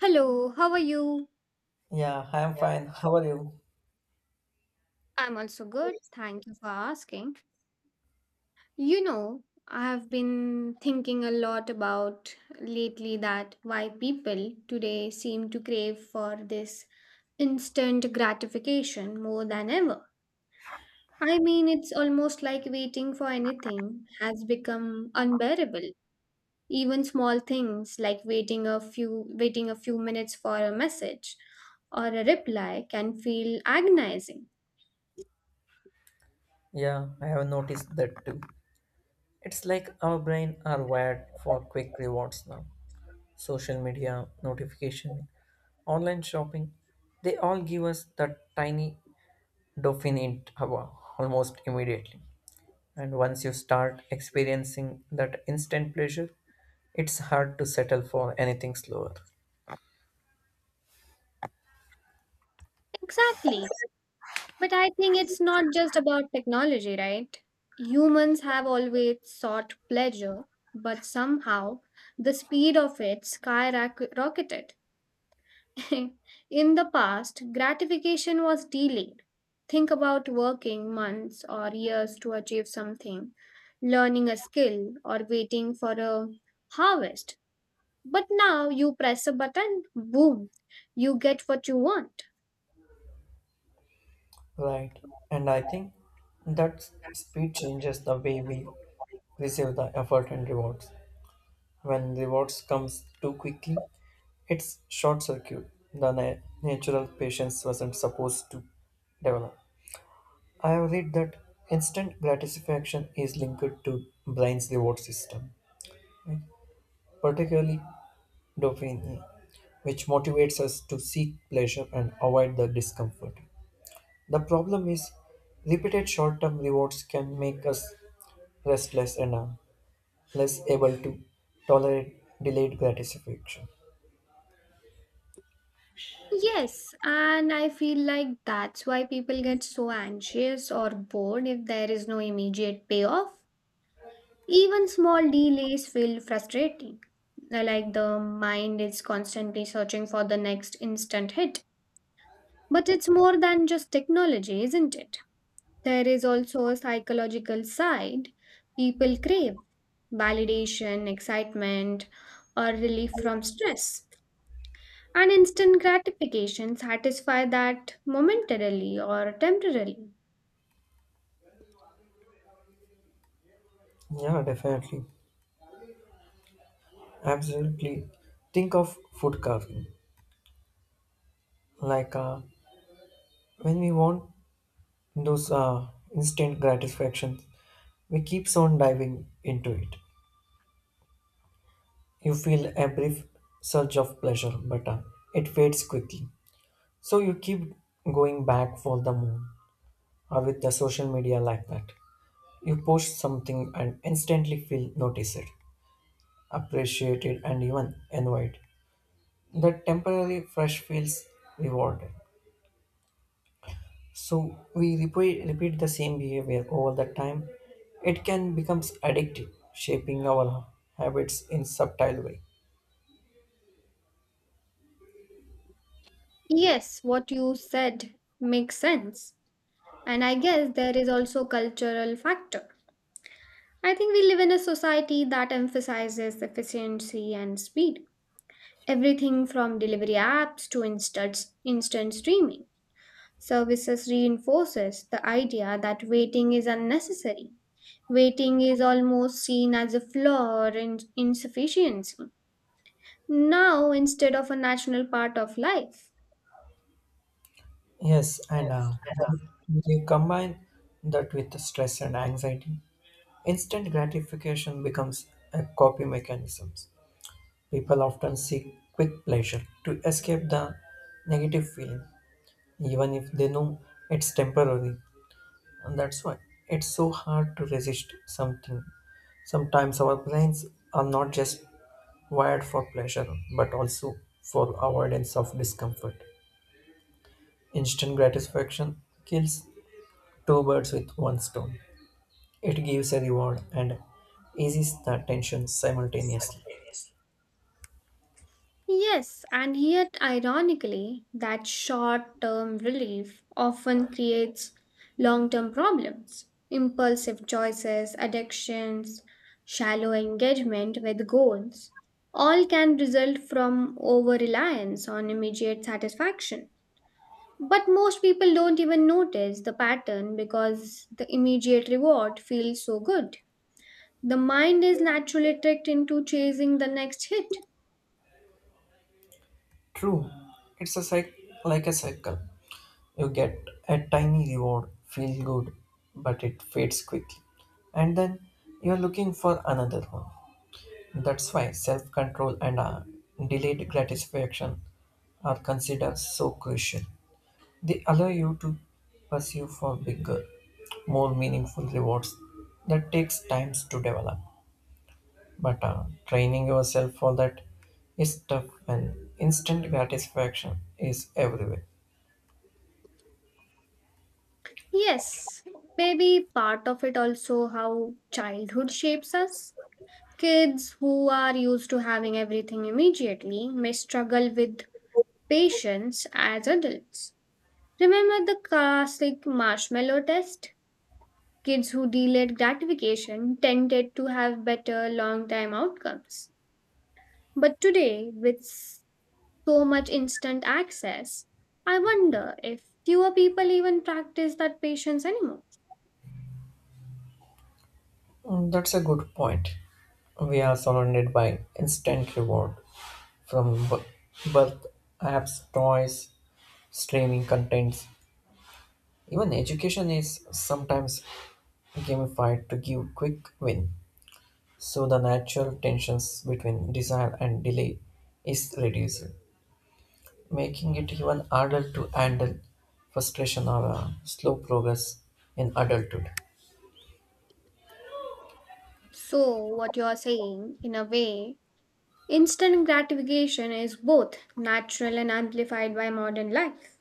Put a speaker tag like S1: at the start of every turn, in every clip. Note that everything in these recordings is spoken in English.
S1: Hello, how are you?
S2: Yeah, I am fine. How are you?
S1: I'm also good. Thank you for asking. You know, I have been thinking a lot about lately that why people today seem to crave for this instant gratification more than ever. I mean, it's almost like waiting for anything has become unbearable. Even small things like waiting a few minutes for a message or a reply can feel agonizing.
S2: Yeah, I have noticed that too. It's like our brain are wired for quick rewards now. Social media, notification, online shopping, they all give us that tiny dopamine hit hour almost immediately. And once you start experiencing that instant pleasure, it's hard to settle for anything slower.
S1: Exactly. But I think it's not just about technology, right? Humans have always sought pleasure, but somehow the speed of it skyrocketed. In the past, gratification was delayed. Think about working months or years to achieve something, learning a skill, or waiting for a harvest. But now you press a button, boom, you get what you want.
S2: Right. And I think that speed changes the way we receive the effort and rewards. When rewards comes too quickly, it's short circuit the natural patience wasn't supposed to develop. I have read that instant gratification is linked to brain's reward system, right? Particularly dopamine, which motivates us to seek pleasure and avoid the discomfort. The problem is repeated short-term rewards can make us restless and less able to tolerate delayed gratification.
S1: Yes, and I feel like that's why people get so anxious or bored if there is no immediate payoff. Even small delays feel frustrating. Like the mind is constantly searching for the next instant hit. But it's more than just technology, isn't it? There is also a psychological side. People crave validation, excitement, or relief from stress. And instant gratification satisfy that momentarily or temporarily.
S2: Yeah, definitely. Absolutely. Think of food carving. Like uh, when we want those instant gratifications, we keeps on diving into it. You feel a brief surge of pleasure, but it fades quickly. So you keep going back for the moon or with the social media like that. You post something and instantly feel noticed, appreciated, and even envied. That temporary fresh feels rewarded. So we repeat the same behavior over the time. It can become addictive, shaping our habits in subtle way.
S1: Yes, what you said makes sense. And I guess there is also cultural factor. I think we live in a society that emphasizes efficiency and speed. Everything from delivery apps to instant streaming services reinforces the idea that waiting is unnecessary. Waiting is almost seen as a flaw or insufficiency. Now instead of a natural part of life.
S2: Yes, and when you combine that with the stress and anxiety, instant gratification becomes a copy mechanism. People often seek quick pleasure to escape the negative feeling, even if they know it's temporary. And that's why it's so hard to resist something sometimes. Our brains are not just wired for pleasure but also for avoidance of discomfort. Instant gratification kills two birds with one stone. It gives a reward and eases the tension simultaneously.
S1: Yes, and yet, ironically, that short term relief often creates long term problems impulsive choices, addictions, shallow engagement with goals. All can result from over reliance on immediate satisfaction. But most people don't even notice the pattern because the immediate reward feels so good. The mind is naturally tricked into chasing the next hit.
S2: True, it's a cycle, like a cycle. You get a tiny reward, feel good, but it fades quickly, and then you're looking for another one. That's why self-control and delayed gratification are considered so crucial. They allow you to pursue for bigger, more meaningful rewards that takes time to develop. But training yourself for that is tough when instant gratification is everywhere.
S1: Yes, maybe part of it also how childhood shapes us. Kids who are used to having everything immediately may struggle with patience as adults. Remember the classic marshmallow test? Kids who delayed gratification tended to have better long time outcomes. But today, with so much instant access. I wonder if fewer people even practice that patience anymore.
S2: Mm. That's a good point. We are surrounded by instant reward from birth, apps, toys, streaming contents. Even education is sometimes gamified to give quick win, so the natural tensions between desire and delay is reduced, making it even harder to handle frustration or slow progress in adulthood.
S1: So, what you are saying, in a way, instant gratification is both natural and amplified by modern life.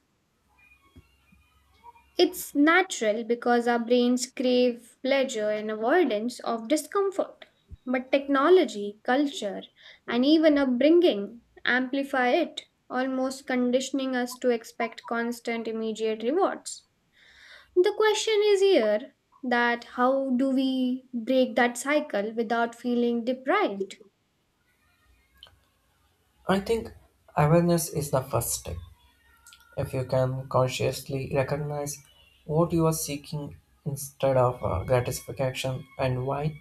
S1: It's natural because our brains crave pleasure and avoidance of discomfort. But technology, culture, and even upbringing amplify it, almost conditioning us to expect constant immediate rewards. The question is here that how do we break that cycle without feeling deprived?
S2: I think awareness is the first step. If you can consciously recognize what you are seeking instead of gratification and why,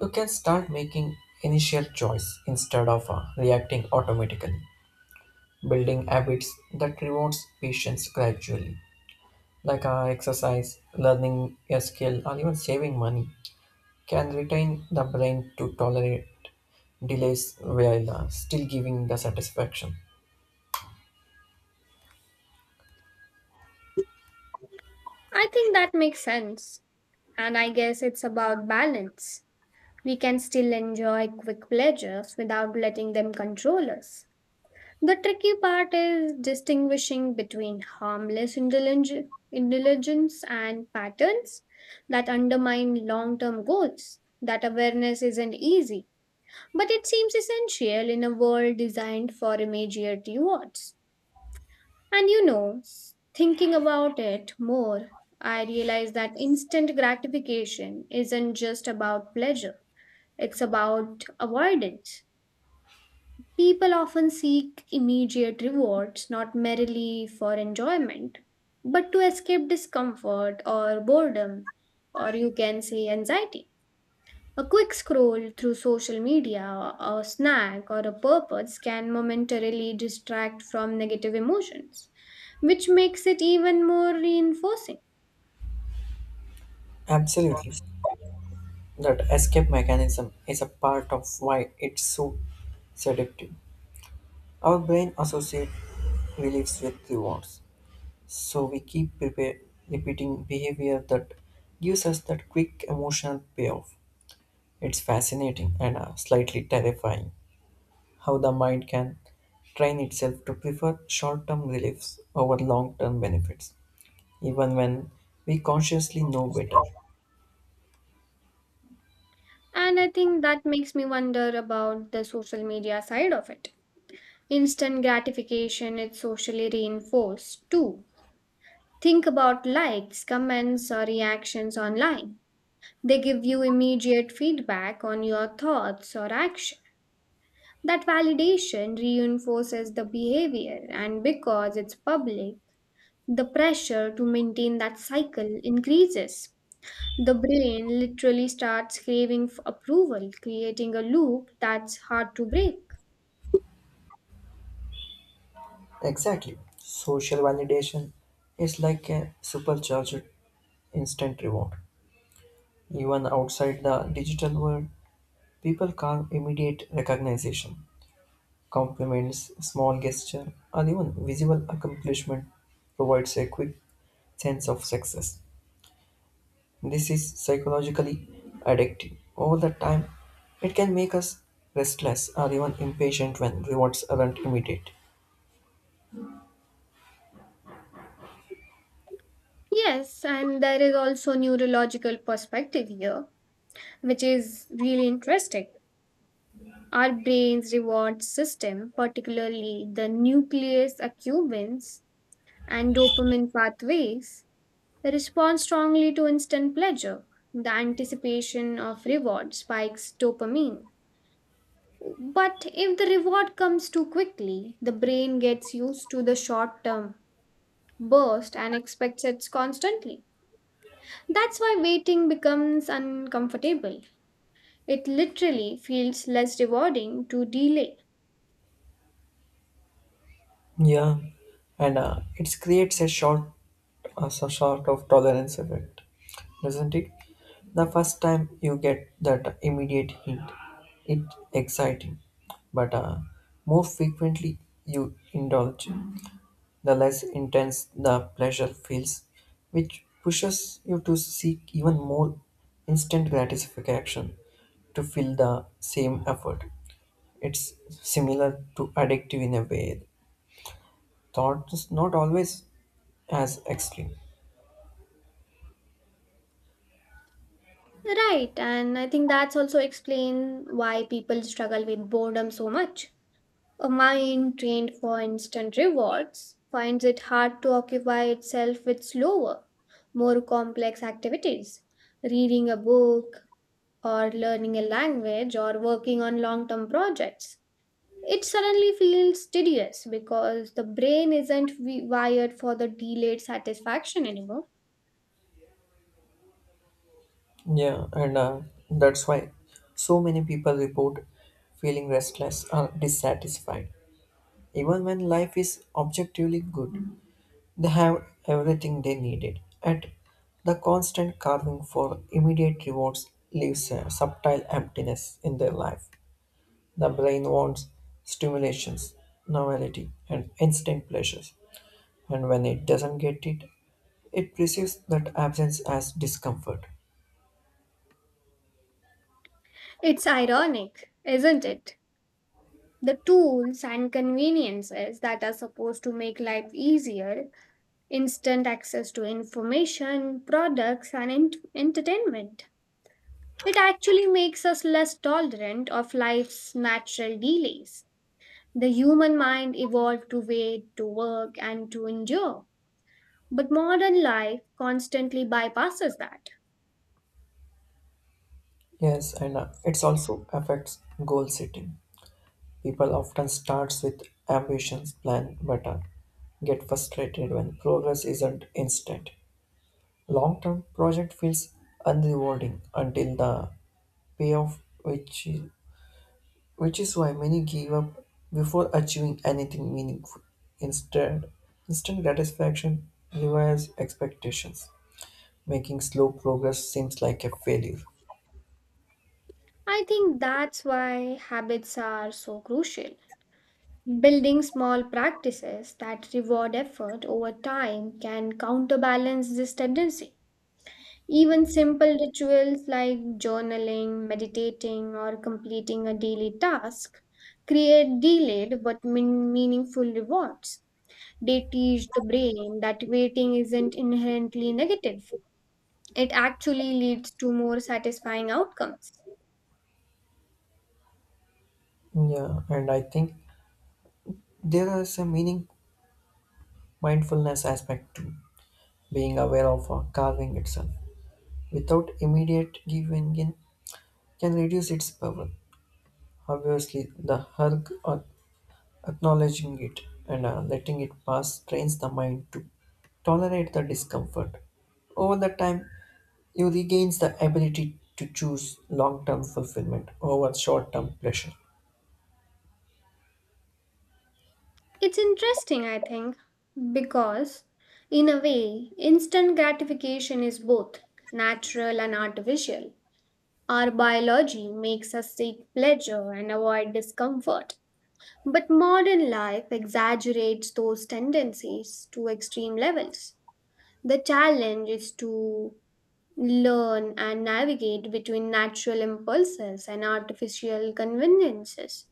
S2: you can start making initial choice instead of reacting automatically, building habits that rewards patience gradually, like exercise, learning a skill, or even saving money, can retain the brain to tolerate delays while still giving the satisfaction.
S1: I think that makes sense. And I guess it's about balance. We can still enjoy quick pleasures without letting them control us. The tricky part is distinguishing between harmless indulgence and patterns that undermine long term goals. That awareness isn't easy but it seems essential in a world designed for immediate rewards. And you know, thinking about it more, I realize that instant gratification isn't just about pleasure, it's about avoidance. People often seek immediate rewards not merely for enjoyment, but to escape discomfort or boredom, or you can say anxiety. A quick scroll through social media, a snack, or a purpose can momentarily distract from negative emotions, which makes it even more reinforcing.
S2: Absolutely. That escape mechanism is a part of why it's so seductive. Our brain associates reliefs with rewards. So we repeating behavior that gives us that quick emotional payoff. It's fascinating and slightly terrifying how the mind can train itself to prefer short term reliefs over long term benefits, even when we consciously know better.
S1: And I think that makes me wonder about the social media side of it. Instant gratification is socially reinforced too. Think about likes, comments, or reactions online. They give you immediate feedback on your thoughts or actions. That validation reinforces the behavior, and because it's public, the pressure to maintain that cycle increases. The brain literally starts craving for approval, creating a loop that's hard to break.
S2: Exactly. Social validation is like a supercharged instant reward. Even outside the digital world, people crave immediate recognition. Compliments, small gesture, or even visible accomplishment provides a quick sense of success. This is psychologically addictive. Over the time, it can make us restless or even impatient when rewards aren't immediate.
S1: Yes, and there is also neurological perspective here, which is really interesting. Our brain's reward system, particularly the nucleus accumbens and dopamine pathways, they respond strongly to instant pleasure. The anticipation of reward spikes dopamine. But if the reward comes too quickly, the brain gets used to the short term burst and expects it constantly. That's why waiting becomes uncomfortable. It literally feels less rewarding to delay.
S2: Yeah, and it creates a short as a sort of tolerance effect, doesn't it? The first time you get that immediate hint, it's exciting, but more frequently you indulge, the less intense the pleasure feels, which pushes you to seek even more instant gratification to fill the same effort. It's similar to addictive in a way. Thought is not always as extreme.
S1: Right, and I think that's also explain why people struggle with boredom so much. A mind trained for instant rewards finds it hard to occupy itself with slower, more complex activities. Reading a book, or learning a language, or working on long term projects. It suddenly feels tedious because the brain isn't wired for the delayed satisfaction anymore.
S2: Yeah, and that's why so many people report feeling restless or dissatisfied. Even when life is objectively good, they have everything they needed. At the constant carving for immediate rewards leaves a subtle emptiness in their life. The brain wants stimulations, novelty, and instant pleasures, and when it doesn't get it, it perceives that absence as discomfort.
S1: It's ironic, isn't it? The tools and conveniences that are supposed to make life easier instant access to information, products, and entertainment. It actually makes us less tolerant of life's natural delays. The human mind evolved to wait, to work, and to endure. But modern life constantly bypasses that.
S2: Yes, and it also affects goal setting. People often starts with ambitions, plan better, get frustrated when progress isn't instant. Long-term project feels unrewarding until the payoff, which is why many give up before achieving anything meaningful. Instead, instant satisfaction revives expectations, making slow progress seems like a failure.
S1: I think that's why habits are so crucial. Building small practices that reward effort over time can counterbalance this tendency. Even simple rituals like journaling, meditating, or completing a daily task create delayed but meaningful rewards. They teach the brain that waiting isn't inherently negative, it actually leads to more satisfying outcomes.
S2: Yeah, and I think there is a meaning mindfulness aspect too. Being aware of a carving itself without immediate giving in can reduce its power. Obviously, the hug or acknowledging it and letting it pass trains the mind to tolerate the discomfort. Over the time, you regains the ability to choose long-term fulfillment over short-term pleasure.
S1: It's interesting, I think, because in a way, instant gratification is both natural and artificial. Our biology makes us seek pleasure and avoid discomfort. But modern life exaggerates those tendencies to extreme levels. The challenge is to learn and navigate between natural impulses and artificial conveniences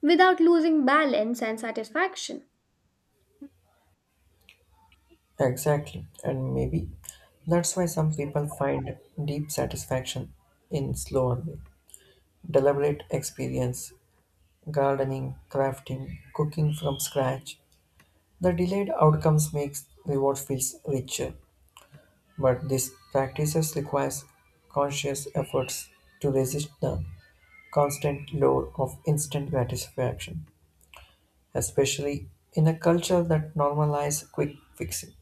S1: without losing balance and satisfaction.
S2: Exactly, and maybe that's why some people find deep satisfaction in slower, deliberate experience, gardening, crafting, cooking from scratch. The delayed outcomes makes reward feels richer, but these practices requires conscious efforts to resist the constant lure of instant gratification, especially in a culture that normalizes quick fixing.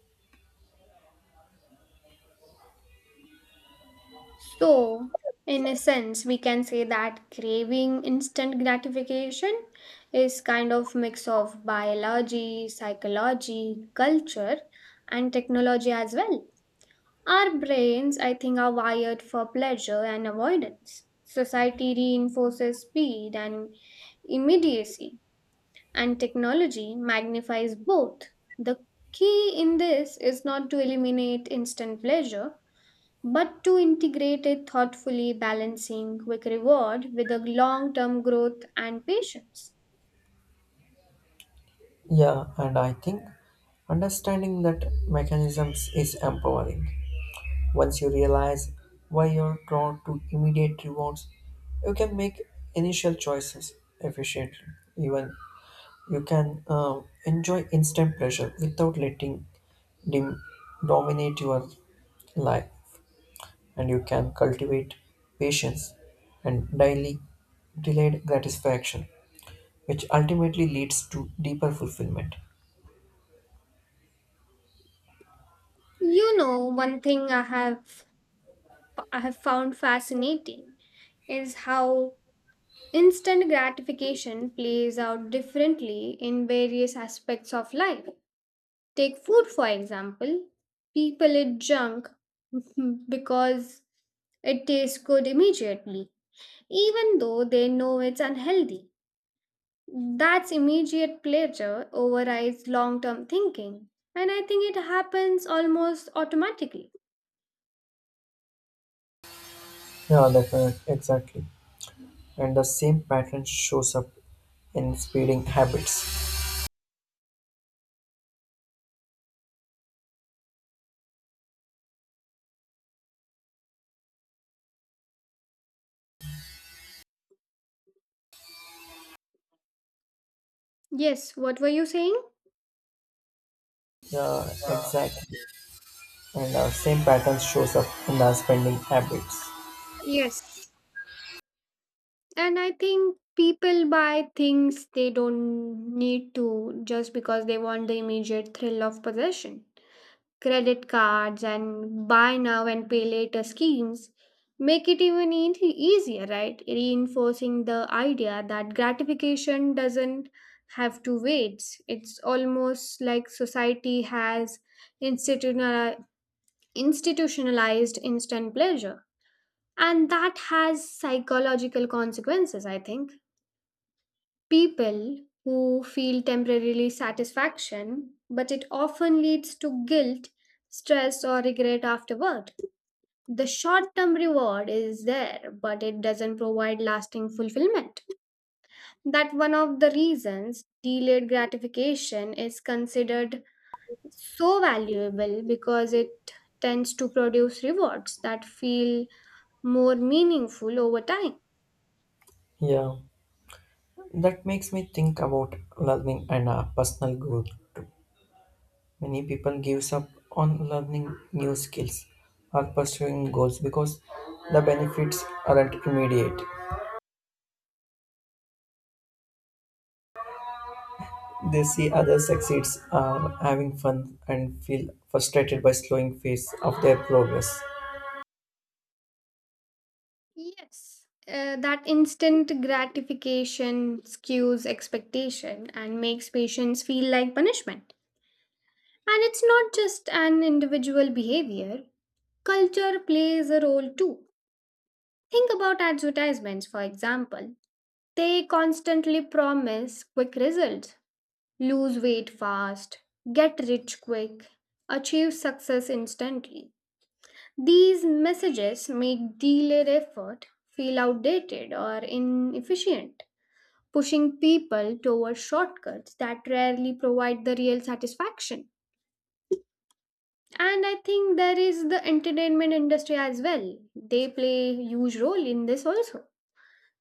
S1: So, in a sense, we can say that craving instant gratification is kind of mix of biology, psychology, culture and technology as well. Our brains, I think, are wired for pleasure and avoidance. Society reinforces speed and immediacy, and technology magnifies both. The key in this is not to eliminate instant pleasure, but to integrate it thoughtfully, balancing quick reward with a long term growth and patience.
S2: Yeah, and I think understanding that mechanisms is empowering. Once you realize why you're drawn to immediate rewards, you can make initial choices efficiently. Even you can enjoy instant pleasure without letting them dominate your life, and you can cultivate patience and daily delayed gratification, which ultimately leads to deeper fulfillment.
S1: You know, one thing I have found fascinating is how instant gratification plays out differently in various aspects of life. Take food, for example. People eat junk because it tastes good immediately, even though they know it's unhealthy. That's immediate pleasure overrides long term thinking, and I think it happens almost automatically.
S2: Yeah, definitely, exactly. And the same pattern shows up in speeding habits.
S1: Yes, what were you saying?
S2: Yeah, exactly. and same pattern shows up in our spending habits.
S1: Yes. And I think people buy things they don't need to just because they want the immediate thrill of possession. Credit cards and buy now and pay later schemes make it even easier, right? Reinforcing the idea that gratification doesn't have to wait. It's almost like society has institutionali- institutionalized instant pleasure. And that has psychological consequences, I think people who feel temporarily satisfaction, but it often leads to guilt, stress, or regret afterward. The short term reward is there, but it doesn't provide lasting fulfillment. That one of the reasons delayed gratification is considered so valuable because it tends to produce rewards that feel more meaningful over time.
S2: Yeah, that makes me think about learning and personal growth too. Many people gives up on learning new skills or pursuing goals because the benefits aren't immediate. They see others succeeds are having fun and feel frustrated by slowing pace of their progress.
S1: Yes, that instant gratification skews expectation and makes patients feel like punishment. And it's not just an individual behavior, culture plays a role too. Think about advertisements, for example. They constantly promise quick results lose weight fast, get rich quick, achieve success instantly. These messages make delayed effort feel outdated or inefficient pushing people toward shortcuts that rarely provide the real satisfaction. And I think there is the entertainment industry as well. They play a huge role in this also.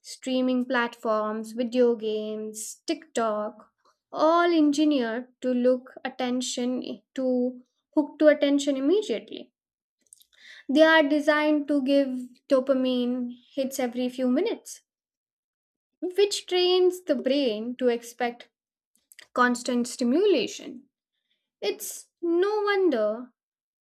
S1: Streaming platforms, video games, TikTok, all engineered to look attention to hook to attention immediately. They are designed to give dopamine hits every few minutes, which trains the brain to expect constant stimulation. It's no wonder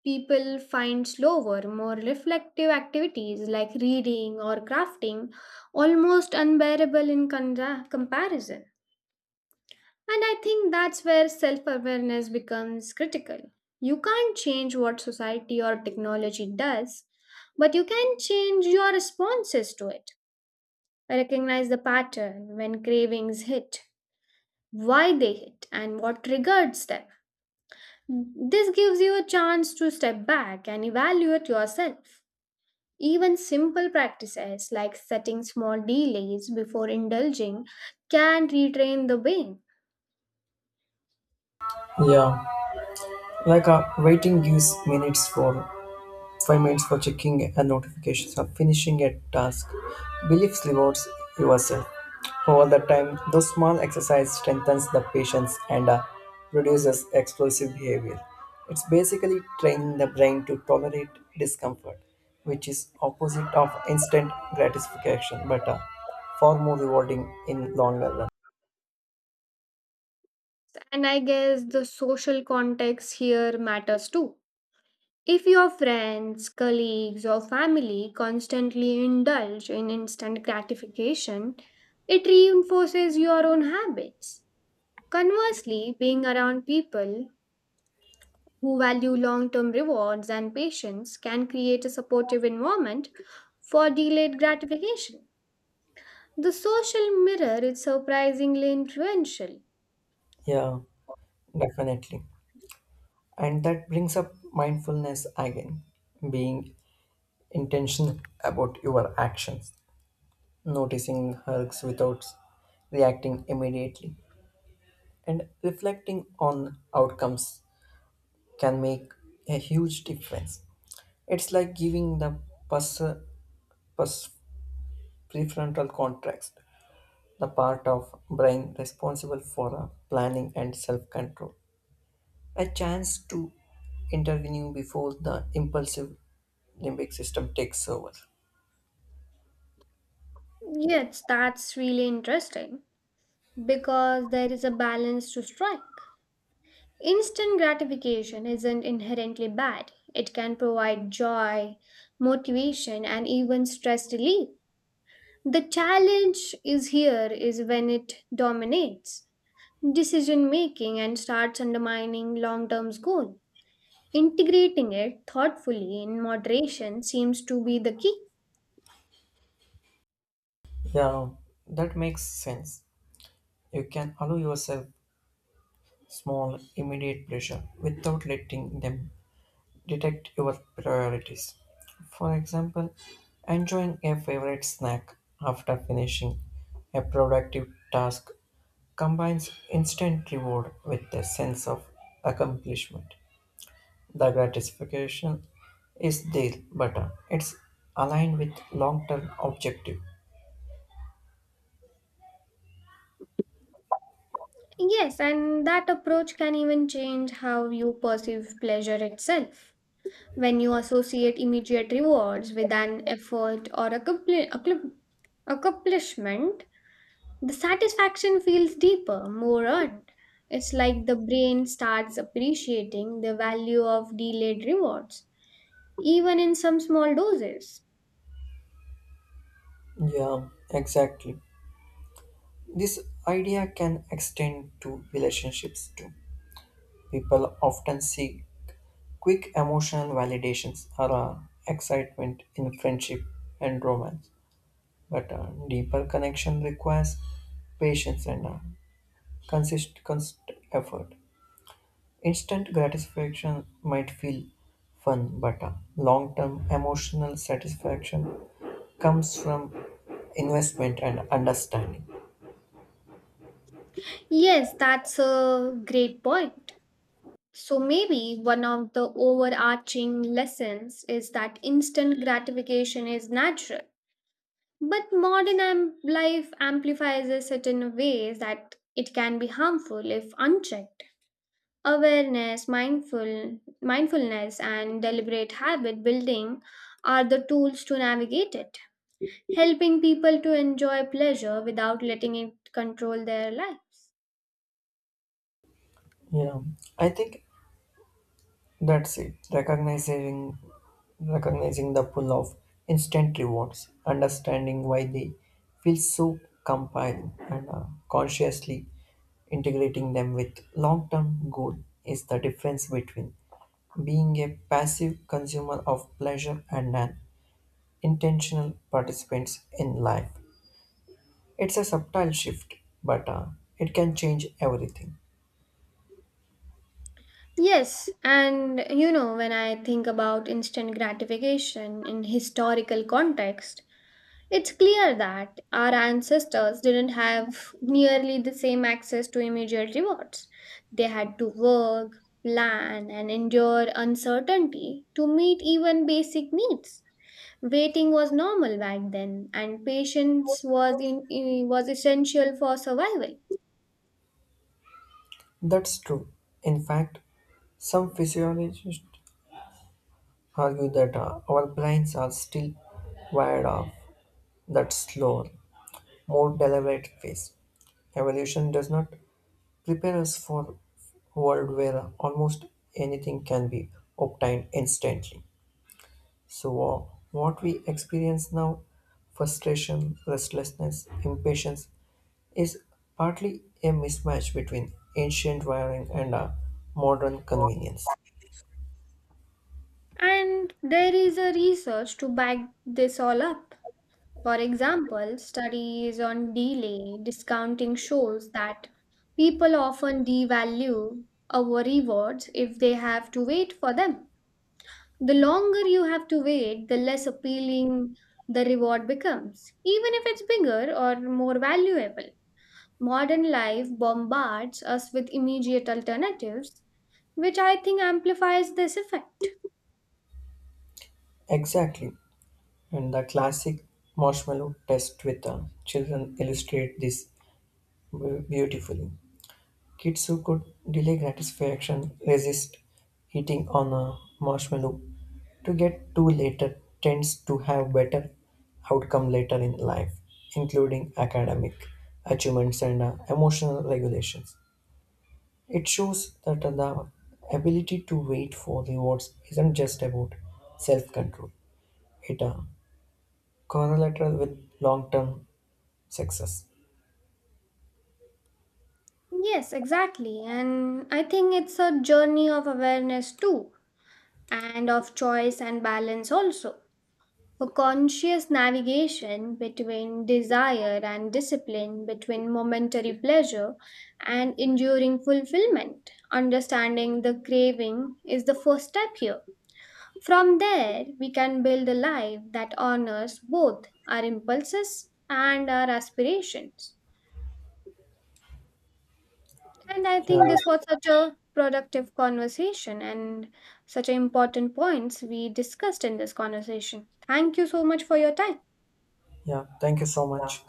S1: people find slower, more reflective activities like reading or crafting almost unbearable in comparison. And I think that's where self awareness becomes critical. You can't change what society or technology does, but you can change your responses to it. Recognize the pattern when cravings hit, why they hit, and what triggers them. This gives you a chance to step back and evaluate yourself. Even simple practices like setting small delays before indulging can retrain the brain.
S2: Yeah, like waiting gives minutes for 5 minutes for checking and notifications of finishing a task. Beliefs rewards yourself. Over the time, those small exercise strengthens the patience and reduces explosive behavior. It's basically training the brain to tolerate discomfort, which is opposite of instant gratification, but far more rewarding in longer run.
S1: And I guess the social context here matters too. If your friends, colleagues, or family constantly indulge in instant gratification, it reinforces your own habits. Conversely, being around people who value long term rewards and patience can create a supportive environment for delayed gratification. The social mirror is surprisingly influential.
S2: Yeah, definitely. And that brings up mindfulness again, being intentional about your actions, noticing hurts without reacting immediately and reflecting on outcomes can make a huge difference. It's like giving the pus, pus prefrontal cortex, the part of brain responsible for planning and self-control, a chance to intervene before the impulsive limbic system takes over.
S1: Yes, that's really interesting because there is a balance to strike. Instant gratification isn't inherently bad, it can provide joy, motivation, and even stress relief. The challenge is here is when it dominates. Decision making and starts undermining long term goal. Integrating it thoughtfully in moderation seems to be the key.
S2: Yeah, that makes sense. You can allow yourself small, immediate pleasure without letting them detect your priorities. For example, enjoying a favorite snack after finishing a productive task combines instant reward with a sense of accomplishment. The gratification is there, but it's aligned with long term objective.
S1: Yes, and that approach can even change how you perceive pleasure itself. When you associate immediate rewards with an effort or accomplishment, the satisfaction feels deeper, more earned. It's like the brain starts appreciating the value of delayed rewards, even in some small doses.
S2: Yeah, exactly. This idea can extend to relationships too. People often seek quick emotional validations are excitement in friendship and romance, but a deeper connection requires patience and constant effort. Instant gratification might feel fun, but long-term emotional satisfaction comes from investment and understanding.
S1: Yes, that's a great point. So maybe one of the overarching lessons is that instant gratification is natural, but life amplifies a certain ways that it can be harmful if unchecked. Awareness, mindfulness and deliberate habit building are the tools to navigate it, helping people to enjoy pleasure without letting it control their lives.
S2: Yeah, I think that's it. Recognizing the pull of instant rewards, understanding why they feel so compelling, and consciously integrating them with long-term goal is the difference between being a passive consumer of pleasure and an intentional participant in life. It's a subtle shift, but it can change everything.
S1: Yes, and you know, when I think about instant gratification in historical context, it's clear that our ancestors didn't have nearly the same access to immediate rewards. They had to work, plan, and endure uncertainty to meet even basic needs. Waiting was normal back then, and patience was was essential for survival.
S2: That's true. In fact, some physiologists argue that our brains are still wired that slower, more deliberate phase. Evolution does not prepare us for world where almost anything can be obtained instantly. So what we experience now, frustration, restlessness, impatience, is partly a mismatch between ancient wiring and modern convenience.
S1: And there is a research to back this all up. For example, studies on delay discounting shows that people often devalue our rewards if they have to wait for them. The longer you have to wait, the less appealing the reward becomes, even if it's bigger or more valuable. Modern life bombards us with immediate alternatives, which I think amplifies this effect.
S2: Exactly, and the classic marshmallow test with children illustrate this beautifully. Kids who could delay gratification, resist eating on a marshmallow to get to later, tends to have better outcome later in life, including academic achievements and emotional regulations. It shows that the ability to wait for rewards isn't just about self-control. It correlates with long-term success.
S1: Yes, exactly. And I think it's a journey of awareness too and of choice and balance also. For conscious navigation between desire and discipline, between momentary pleasure and enduring fulfillment. Understanding the craving is the first step here. From there, we can build a life that honors both our impulses and our aspirations. And I think
S2: Yeah,
S1: this was such a productive conversation and such important points we discussed in this conversation. Thank you so much for your time.
S2: yeah. Thank you so much.